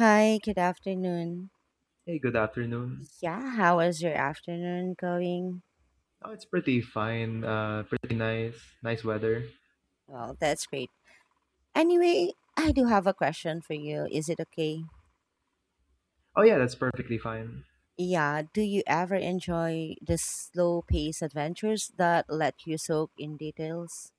Hi, good afternoon. Hey, good afternoon. Yeah, how is your afternoon going? Oh, it's pretty fine. Pretty nice. Nice weather. Well, that's great. Anyway, I do have a question for you. Is it okay? Oh, yeah, that's perfectly fine. Yeah, do you ever enjoy the slow paced adventures that let you soak in details?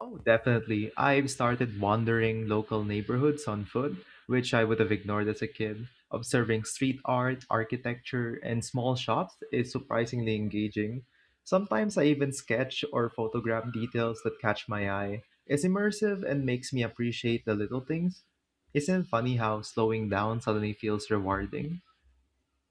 Oh, definitely. I've started wandering local neighborhoods on foot, which I would have ignored as a kid. Observing street art, architecture, and small shops is surprisingly engaging. Sometimes I even sketch or photograph details that catch my eye. It's immersive and makes me appreciate the little things. Isn't it funny how slowing down suddenly feels rewarding?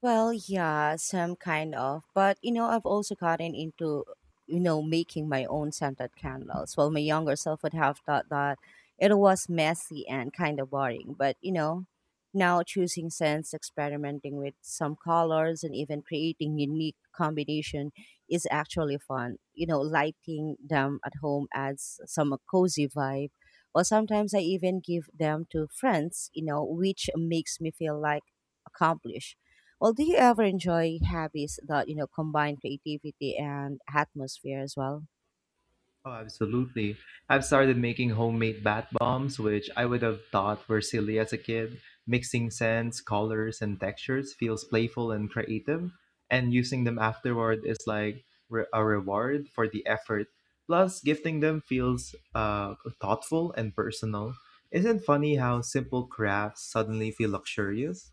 Well, yeah, some kind of. But I've also gotten into, making my own scented candles. Well, my younger self would have thought that it was messy and kind of boring. But now choosing scents, experimenting with some colors, and even creating unique combination is actually fun. Lighting them at home adds some cozy vibe. Or sometimes I even give them to friends, which makes me feel like accomplished. Well, do you ever enjoy hobbies that combine creativity and atmosphere as well? Oh, absolutely. I've started making homemade bath bombs, which I would have thought were silly as a kid. Mixing scents, colors, and textures feels playful and creative, and using them afterward is like a reward for the effort. Plus, gifting them feels thoughtful and personal. Isn't funny how simple crafts suddenly feel luxurious?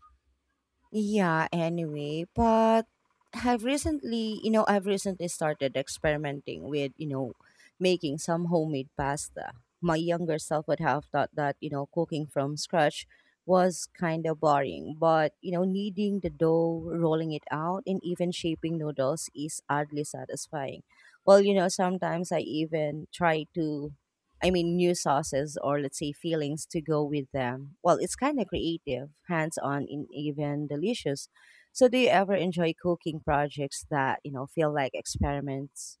Yeah, anyway, but I've recently started experimenting with, making some homemade pasta. My younger self would have thought that, cooking from scratch was kind of boring, but, kneading the dough, rolling it out, and even shaping noodles is oddly satisfying. Well, sometimes I even try, new sauces or let's say fillings to go with them. Well, it's kind of creative, hands on, and even delicious. So, do you ever enjoy cooking projects that feel like experiments?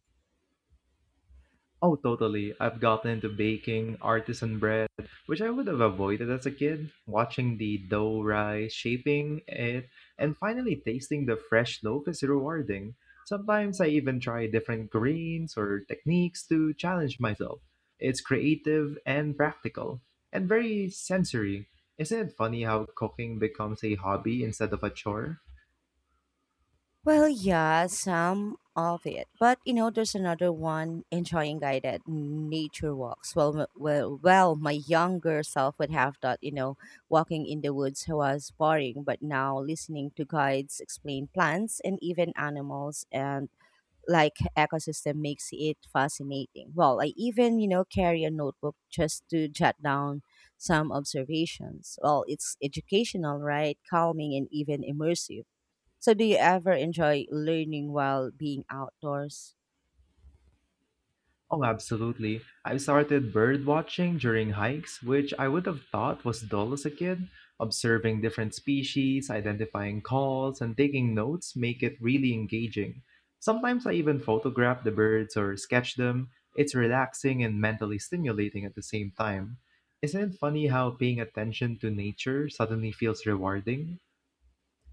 Oh, totally. I've gotten into baking artisan bread, which I would have avoided as a kid. Watching the dough rise, shaping it, and finally tasting the fresh loaf is rewarding. Sometimes I even try different greens or techniques to challenge myself. It's creative and practical, and very sensory. Isn't it funny how cooking becomes a hobby instead of a chore? Well, yeah, some of it. But, there's another one enjoying guided nature walks. Well, my younger self would have thought, walking in the woods was boring, but now listening to guides explain plants and even animals and like ecosystem makes it fascinating. Well, I even, carry a notebook just to jot down some observations. Well, it's educational, right? Calming and even immersive. So do you ever enjoy learning while being outdoors? Oh, absolutely. I started bird watching during hikes, which I would have thought was dull as a kid. Observing different species, identifying calls, and taking notes make it really engaging. Sometimes I even photograph the birds or sketch them. It's relaxing and mentally stimulating at the same time. Isn't it funny how paying attention to nature suddenly feels rewarding?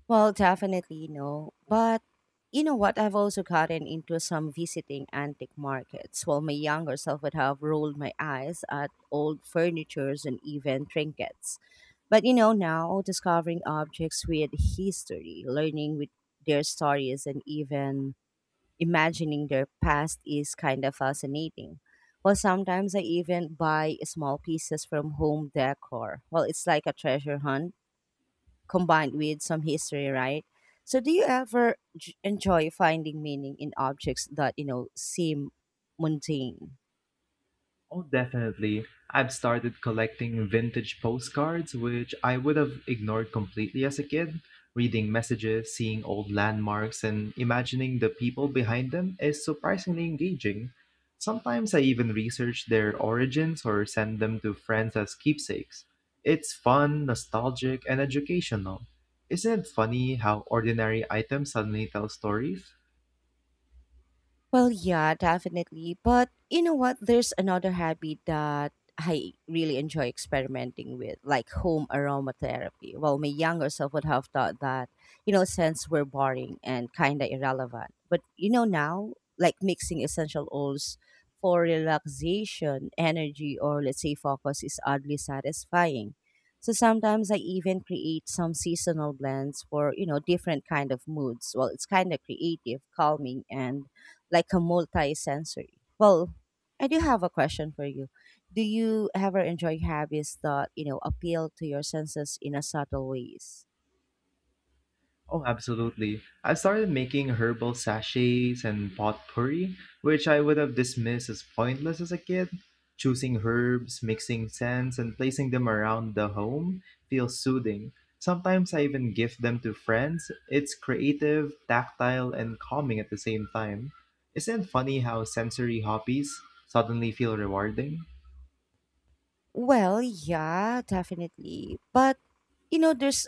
Well, definitely no. But you know what? I've also gotten into some visiting antique markets while my younger self would have rolled my eyes at old furnitures and even trinkets. But now discovering objects with history, learning with their stories, and even imagining their past is kind of fascinating. Well, sometimes I even buy small pieces from home decor. Well, it's like a treasure hunt combined with some history, right? So, do you ever enjoy finding meaning in objects that you know seem mundane? Oh, definitely. I've started collecting vintage postcards, which I would have ignored completely as a kid. Reading messages, seeing old landmarks, and imagining the people behind them is surprisingly engaging. Sometimes I even research their origins or send them to friends as keepsakes. It's fun, nostalgic, and educational. Isn't it funny how ordinary items suddenly tell stories? Well, yeah, definitely. But you know what? There's another habit that I really enjoy experimenting with, like home aromatherapy. Well, my younger self would have thought that, scents were boring and kind of irrelevant. But, now, like mixing essential oils for relaxation, energy, or let's say focus is oddly satisfying. So sometimes I even create some seasonal blends for, different kind of moods. Well, it's kind of creative, calming, and like a multi-sensory. Well, I do have a question for you. Do you ever enjoy habits that appeal to your senses in a subtle ways? Oh, absolutely. I've started making herbal sachets and potpourri, which I would have dismissed as pointless as a kid. Choosing herbs, mixing scents, and placing them around the home feels soothing. Sometimes I even gift them to friends. It's creative, tactile, and calming at the same time. Isn't it funny how sensory hobbies suddenly feel rewarding? Well, yeah, definitely. But you know, there's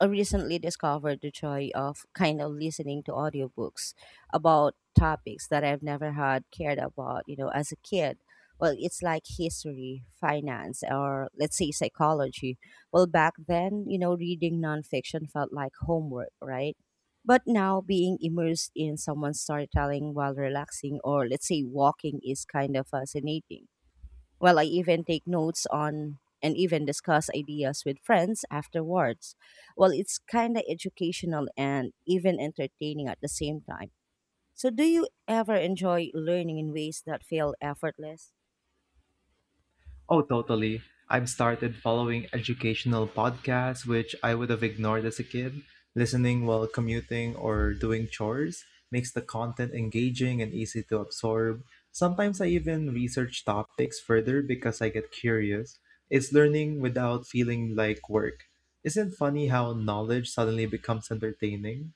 I recently discovered the joy of kind of listening to audiobooks about topics that I've never had cared about, as a kid. Well, it's like history, finance, or let's say psychology. Well, back then, reading nonfiction felt like homework, right? But now being immersed in someone's storytelling while relaxing or let's say walking is kind of fascinating well, I even take notes on and even discuss ideas with friends afterwards. Well, it's kind of educational and even entertaining at the same time. So, do you ever enjoy learning in ways that feel effortless? Oh, totally. I've started following educational podcasts, which I would have ignored as a kid. Listening while commuting or doing chores makes the content engaging and easy to absorb. Sometimes I even research topics further because I get curious. It's learning without feeling like work. Isn't it funny how knowledge suddenly becomes entertaining?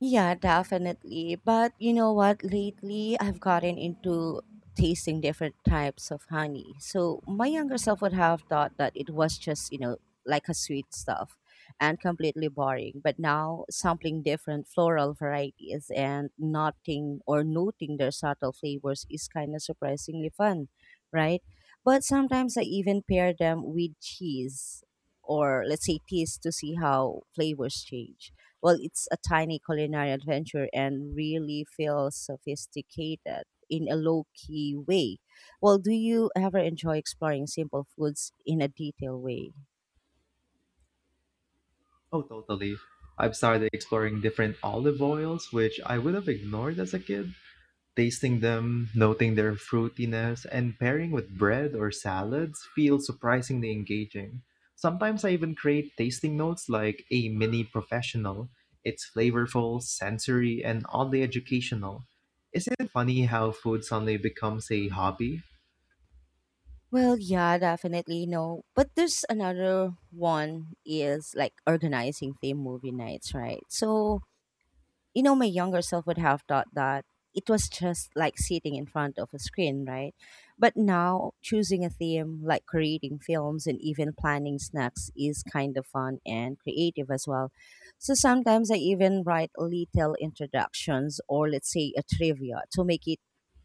Yeah, definitely. But you know what? Lately, I've gotten into tasting different types of honey. So my younger self would have thought that it was just, like a sweet stuff and completely boring. But now, sampling different floral varieties and noting or noting their subtle flavors is kind of surprisingly fun, right? But sometimes I even pair them with cheese or let's say teas to see how flavors change well, it's a tiny culinary adventure and really feels sophisticated in a low key way. Well, do you ever enjoy exploring simple foods in a detailed way? Oh, totally. I've started exploring different olive oils, which I would have ignored as a kid. Tasting them, noting their fruitiness, and pairing with bread or salads feels surprisingly engaging. Sometimes I even create tasting notes like a mini professional. It's flavorful, sensory, and oddly educational. Isn't it funny how food suddenly becomes a hobby? Well, yeah, definitely no. But there's another one is like organizing theme movie nights, right? So my younger self would have thought that it was just like sitting in front of a screen, right? But now, choosing a theme, like creating films and even planning snacks, is kind of fun and creative as well. So sometimes I even write little introductions or, let's say, a trivia to make it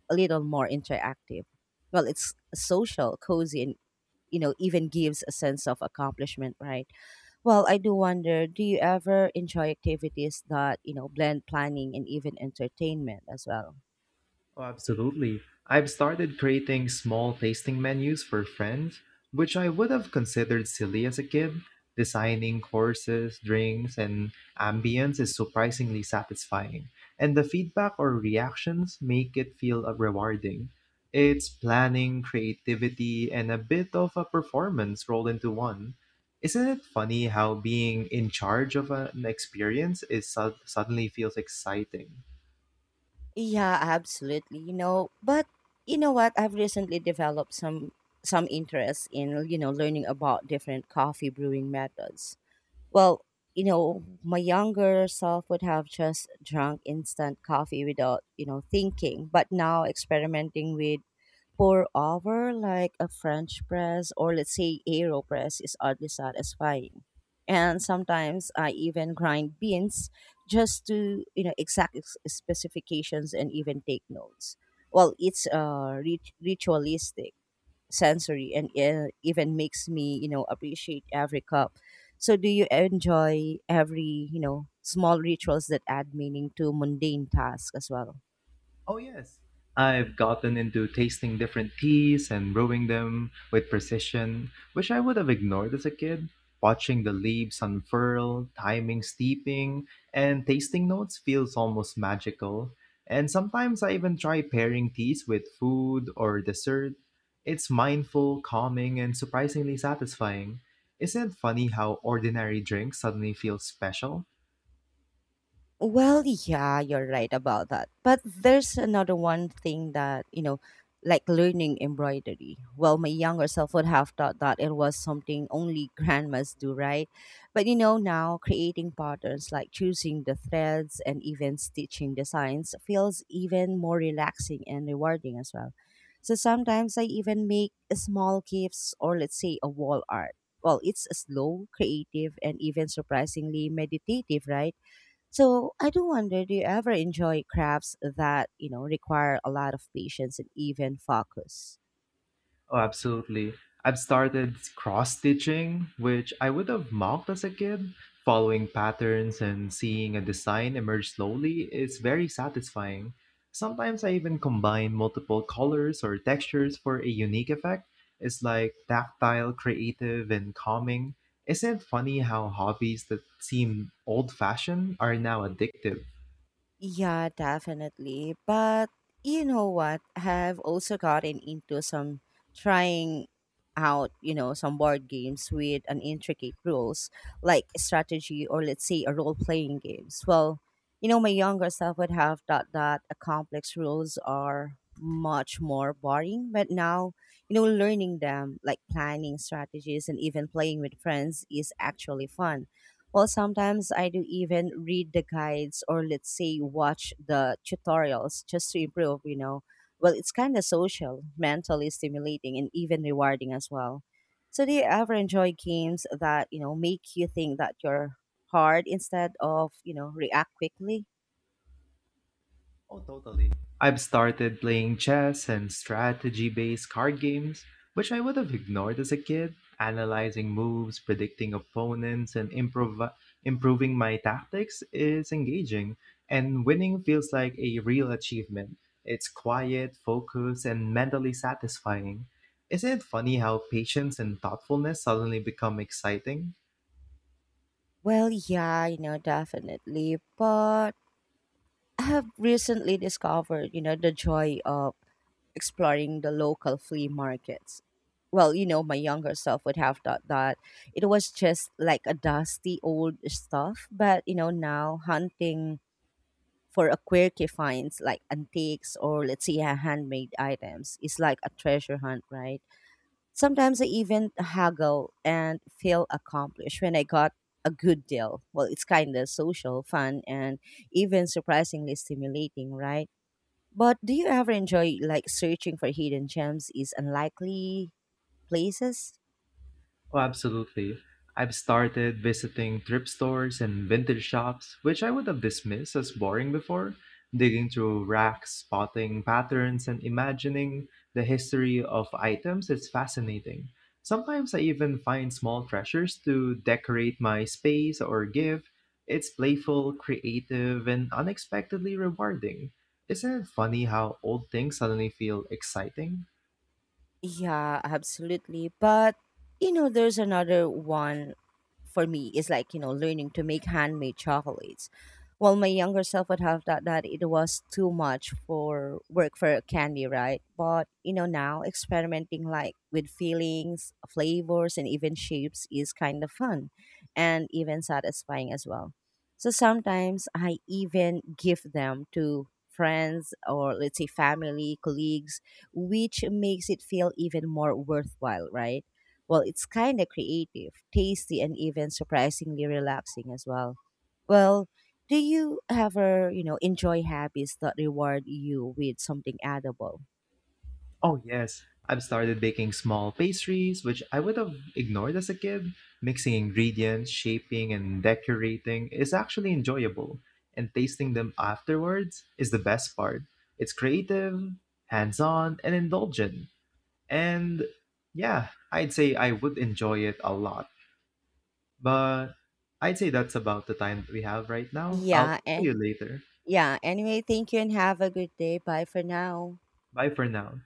a little more interactive. Well, it's social, cozy, and even gives a sense of accomplishment, right? Well, I do wonder, do you ever enjoy activities that blend planning and even entertainment as well? Oh, absolutely. I've started creating small tasting menus for friends, which I would have considered silly as a kid. Designing courses, drinks, and ambience is surprisingly satisfying, and the feedback or reactions make it feel rewarding. It's planning, creativity, and a bit of a performance rolled into one. Isn't it funny how being in charge of an experience is suddenly feels exciting? Yeah, absolutely. But you know what? I've recently developed some interest in, learning about different coffee brewing methods. Well, my younger self would have just drunk instant coffee without, thinking, but now experimenting with pour over like a French press or let's say AeroPress is oddly satisfying. And sometimes I even grind beans just to, specifications and even take notes. Well, it's ritualistic, sensory, and even makes me, appreciate every cup. So do you enjoy every small rituals that add meaning to mundane tasks as well? Oh, yes. I've gotten into tasting different teas and brewing them with precision, which I would have ignored as a kid. Watching the leaves unfurl, timing steeping, and tasting notes feels almost magical. And sometimes I even try pairing teas with food or dessert. It's mindful, calming, and surprisingly satisfying. Isn't it funny how ordinary drinks suddenly feel special? Well, yeah, you're right about that. But there's another one thing that, like learning embroidery. Well, my younger self would have thought that it was something only grandmas do, right? But now creating patterns like choosing the threads and even stitching designs feels even more relaxing and rewarding as well. So sometimes I even make small gifts or let's say a wall art. Well, it's slow, creative, and even surprisingly meditative, right? So I do wonder, do you ever enjoy crafts that require a lot of patience and even focus? Oh, absolutely. I've started cross stitching, which I would have mocked as a kid. Following patterns and seeing a design emerge slowly is very satisfying. Sometimes I even combine multiple colors or textures for a unique effect. It's like tactile, creative, and calming. Isn't it funny how hobbies that seem old fashioned are now addictive? Yeah, definitely. But you know what? I've also gotten into some trying out, some board games with an intricate rules, like strategy or let's say a role playing games. Well, my younger self would have thought that a complex rules are much more boring. But now, learning them, like planning strategies and even playing with friends is actually fun well, sometimes I do even read the guides or let's say watch the tutorials just to improve, Well, it's kind of social, mentally stimulating, and even rewarding as well. So, do you ever enjoy games that make you think that you're hard instead of, react quickly? Oh, totally. I've started playing chess and strategy based card games, which I would have ignored as a kid, analyzing moves, predicting opponents, and improving my tactics is engaging, and winning feels like a real achievement. It's quiet, focused, and mentally satisfying. Isn't it funny how patience and thoughtfulness suddenly become exciting? Well, yeah, definitely. But I have recently discovered, the joy of exploring the local flea markets. Well, my younger self would have thought that it was just like a dusty old stuff, but now hunting for a quirky finds like antiques or let's say handmade items is like a treasure hunt, right? Sometimes I even haggle and feel accomplished when I got a good deal. Well, it's kind of social, fun, and even surprisingly stimulating, right? But do you ever enjoy like searching for hidden gems is unlikely places? Oh, absolutely. I've started visiting thrift stores and vintage shops, which I would have dismissed as boring before, digging through racks, spotting patterns, and imagining the history of items is fascinating. Sometimes I even find small treasures to decorate my space or give. It's playful, creative, and unexpectedly rewarding. Isn't it funny how old things suddenly feel exciting? Yeah, absolutely. But there's another one for me is like, learning to make handmade chocolates. Well, my younger self would have thought that it was too much for work for a candy, right? But now experimenting like with feelings, flavors, and even shapes is kind of fun and even satisfying as well. So sometimes I even give them to friends or let's say family, colleagues which makes it feel even more worthwhile, right? Well, it's kind of creative, tasty, and even surprisingly relaxing as well. Well, do you ever enjoy habits that reward you with something edible? Oh, yes. I've started baking small pastries, which I would have ignored as a kid. Mixing ingredients, shaping, and decorating is actually enjoyable, and tasting them afterwards is the best part. It's creative, hands on, and indulgent. And yeah, I'd say I would enjoy it a lot. But I'd say that's about the time that we have right now. I'll Yeah, talk to and you later. yeah. Anyway, thank you and have a good day. Bye for now. Bye for now.